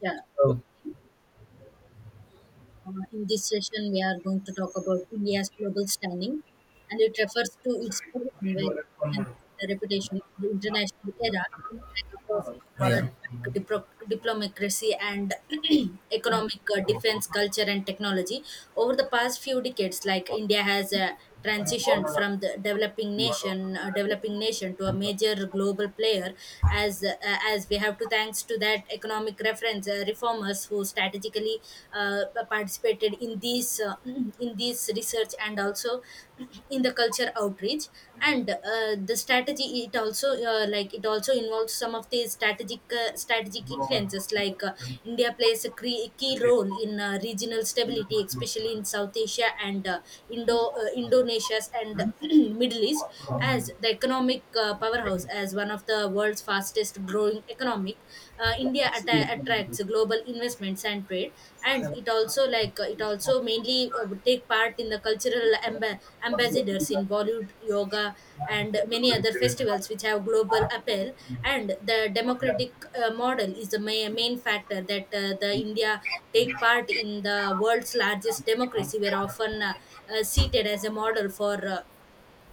Yeah. Good. So In this session, we are going to talk about India's global standing, and it refers to its position where and, the reputation in the international era, like across yeah, like diplomacy and economic, defense, culture, and technology. Over the past few decades, like India has transitioned from the developing nation to a major global player as uh, as we have to, thanks to that economic reference reformers who strategically uh, participated in these in these research and also in the culture outreach and the strategy. It also, like it also involves some of the strategic strategic influences, like India plays a key role in regional stability, especially in South Asia and Indonesia and Middle East. As the economic powerhouse, as one of the world's fastest growing economic. India attracts global investments and trade, and it also, it also mainly would take part in the cultural ambassadors in Bollywood, yoga, and many other festivals which have global appeal. And the democratic model is the main factor that the India take part in the world's largest democracy, were often seated as a model for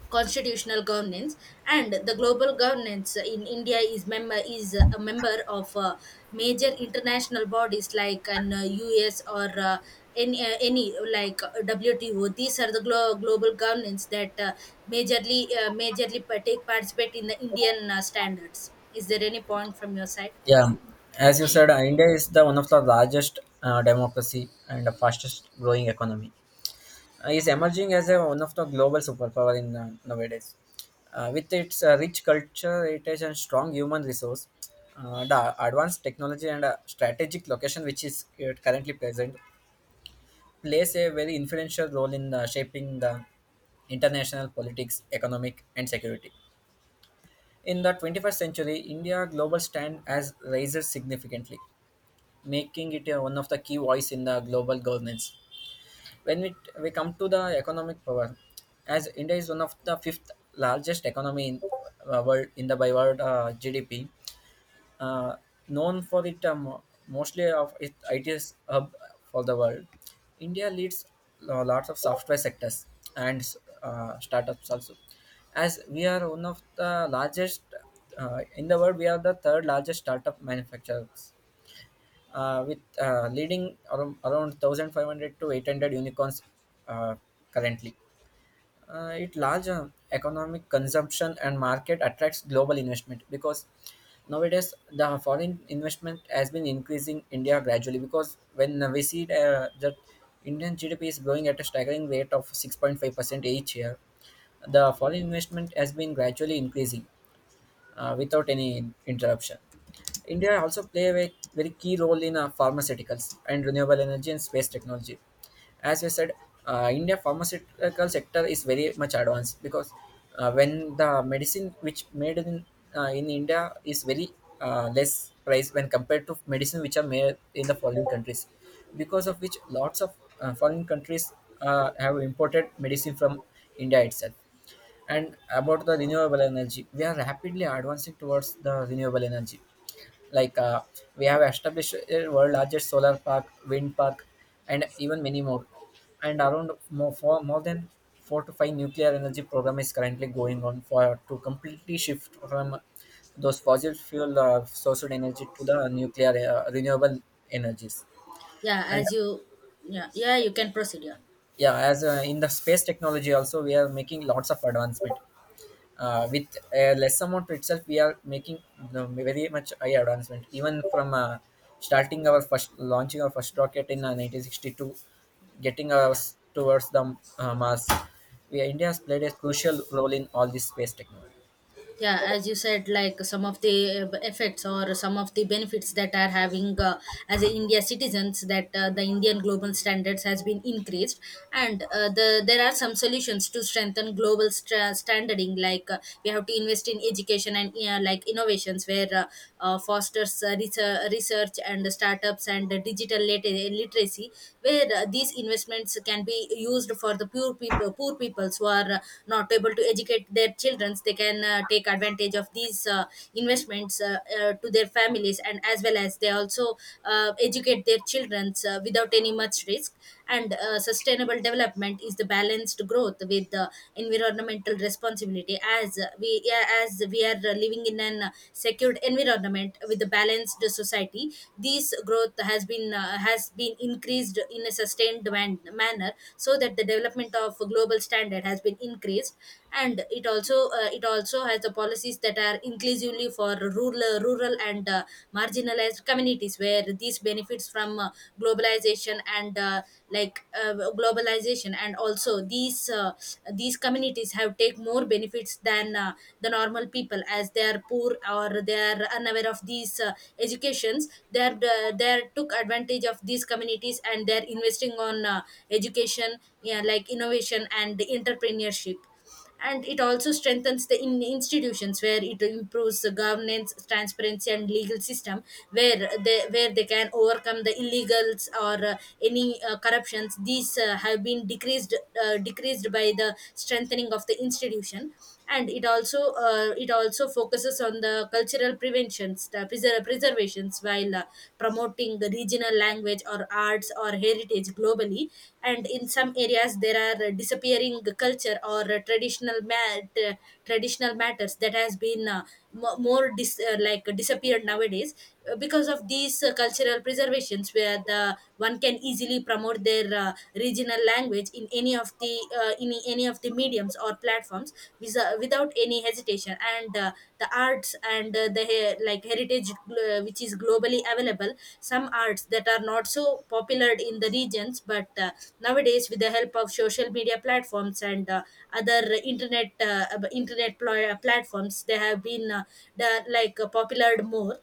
constitutional governance. And the global governance in India is member is a member of major international bodies like an US or any, like, WTO. These are the global governance that majorly take participate in the Indian standards. Is there any point from your side? yeah. As you said, India is the one of the largest democracy and the fastest growing economy. Is emerging as one of the global superpower in nowadays. With its rich culture, heritage, and strong human resource, the advanced technology and strategic location which is currently present plays a very influential role in shaping the international politics, economic, and security. In the 21st century, India's global stand has risen significantly, making it one of the key voice in the global governance. When we come to the economic power, as India is one of the fifth largest economy in world in the by world GDP, uh, known for it mostly of it, it is hub for the world. India leads lots of software sectors and startups also. As we are one of the largest in the world, we are the third largest startup manufacturers with leading around 1,500 to 800 unicorns uh, currently. It larger economic consumption and market attracts global investment because nowadays the foreign investment has been increasing India gradually because when we see that Indian GDP is growing at a staggering rate of 6.5% each year, the foreign investment has been gradually increasing without any interruption. India also play a very key role in pharmaceuticals and renewable energy and space technology. As we said, India pharmaceutical sector is very much advanced because when the medicine which made in India is very less price when compared to medicine which are made in the foreign countries, because of which lots of foreign countries have imported medicine from India itself, and about the renewable energy, we are rapidly advancing towards the renewable energy. Like uh, we have established a world largest solar park, wind park, and even many more. And around more for more than four to five nuclear energy program is currently going on for to completely shift from those fossil fuel sourced energy to the nuclear renewable energies. Yeah, And as you, yeah, yeah, you can proceed, yeah. yeah, as in the space technology also, we are making lots of advancement with a less amount itself we are making you very much high advancement even from starting our first launching our first rocket in 1962, getting us towards the Mars. We, India has played a crucial role in all this space technology. Yeah, as you said, like some of the effects or some of the benefits that are having as a India citizens, that the Indian global standards has been increased. And there are some solutions to strengthen global stra standarding, like we have to invest in education and, like, innovations where fosters research and startups and digital literacy, where these investments can be used for the poor peoples who are not able to educate their children. They can take advantage of these investments, to their families, and as well as they also educate their children without any much risk. And sustainable development is the balanced growth with environmental responsibility. As as we are living in an secured environment with a balanced society, this growth has been has been increased in a sustained manner, so that the development of global standard has been increased. And it also, it also has the policies that are inclusively for rural and marginalized communities, where these benefits from globalization and, like uh, globalization, and also these communities have take more benefits than the normal people, as they are poor or they are unaware of these educations. They are, they are took advantage of these communities, and they're investing on education, yeah, like innovation and entrepreneurship. And it also strengthens the institutions, where it improves the governance transparency and legal system, where they can overcome the illegals or any corruptions. These have been decreased, decreased by the strengthening of the institution. And it also, it also focuses on the cultural preventions, the preservations, while promoting the regional language or arts or heritage globally. And in some areas there are disappearing culture or traditional traditional matters that has been like disappeared nowadays, because of these cultural preservations, where the one can easily promote their regional language in any of the in any of the mediums or platforms, without any hesitation. And the arts and, like, heritage which is globally available. Some arts that are not so popular in the regions, but nowadays with the help of social media platforms and other internet internet platforms, they have been, the, like popular more.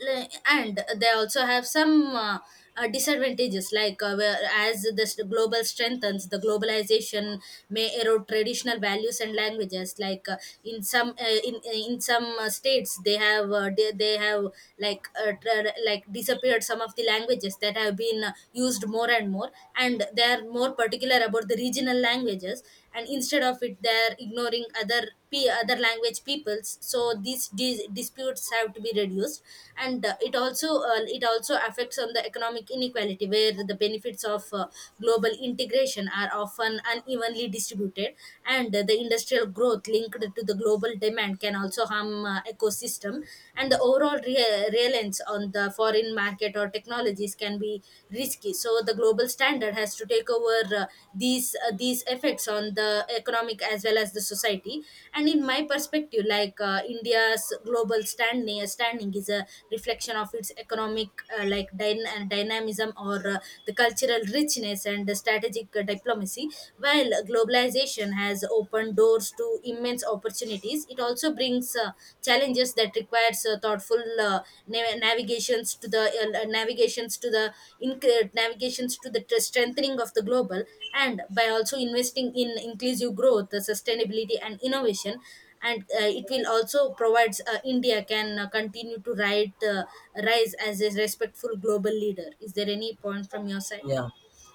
And they also have some disadvantages, like, where as this global strengthens, the globalization may erode traditional values and languages. Like, in some states they have, they have, like, disappeared some of the languages that have been used more and more, and they are more particular about the regional languages, and instead of it they're ignoring other other language peoples. So these disputes have to be reduced. And it also, it also affects on the economic inequality, where the benefits of global integration are often unevenly distributed. And the industrial growth linked to the global demand can also harm ecosystem, and the overall reliance on the foreign market or technology technologies can be risky. So the global standard has to take over these effects on the economic as well as the society. And in my perspective, like, India's global standing is a reflection of its economic dynamism or, the cultural richness and the strategic diplomacy. While globalization has opened doors to immense opportunities, it also brings challenges that requires thoughtful nav- navigations to the incre- navigations to the strengthening of the global. And by also investing in inclusive growth, sustainability and innovation, and it will also provides, India can rise as a respectful global leader. Is there any point from your side? Yeah,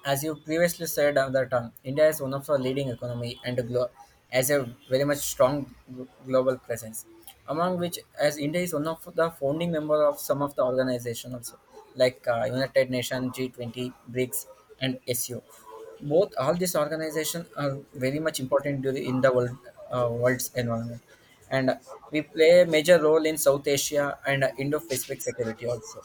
as you previously said, that India is one of the leading economy and a has a very much strong global presence. Among which, as India is one of the founding member of some of the organization also, like United Nations, G20, BRICS, and SU. Both all these organization are very much important during in the world world's environment, and we play a major role in South Asia and Indo-Pacific security also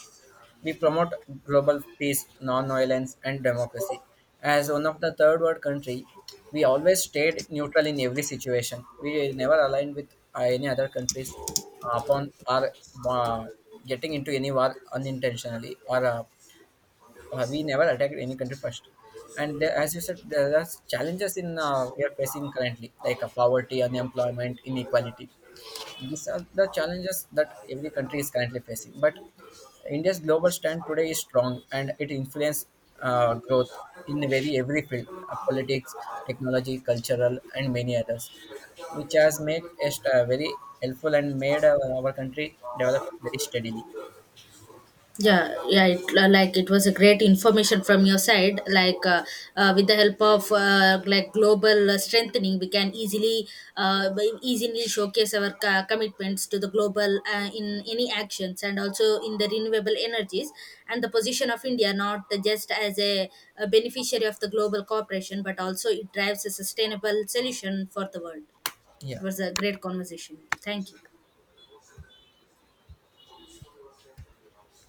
we promote global peace, non-violence, and democracy. As one of the third world country, we always stayed neutral in every situation. We never aligned with any other countries upon our uh, getting into any war unintentionally, or we never attacked any country first. And there, as you said, there are challenges in we are facing currently, like poverty, unemployment, inequality. These are the challenges that every country is currently facing. But India's global stand today is strong and it influences growth in very every field politics, technology, cultural, and many others, which has made us very helpful and made our country develop very steadily. Yeah, yeah. It, like, it was a great information from your side. Like, with the help of like global strengthening, we can easily, we easily showcase our commitments to the global, in any actions, and also in the renewable energies, and the position of India, not just as a beneficiary of the global cooperation, but also it drives a sustainable solution for the world. It Yeah. was a great conversation with you. Thank you.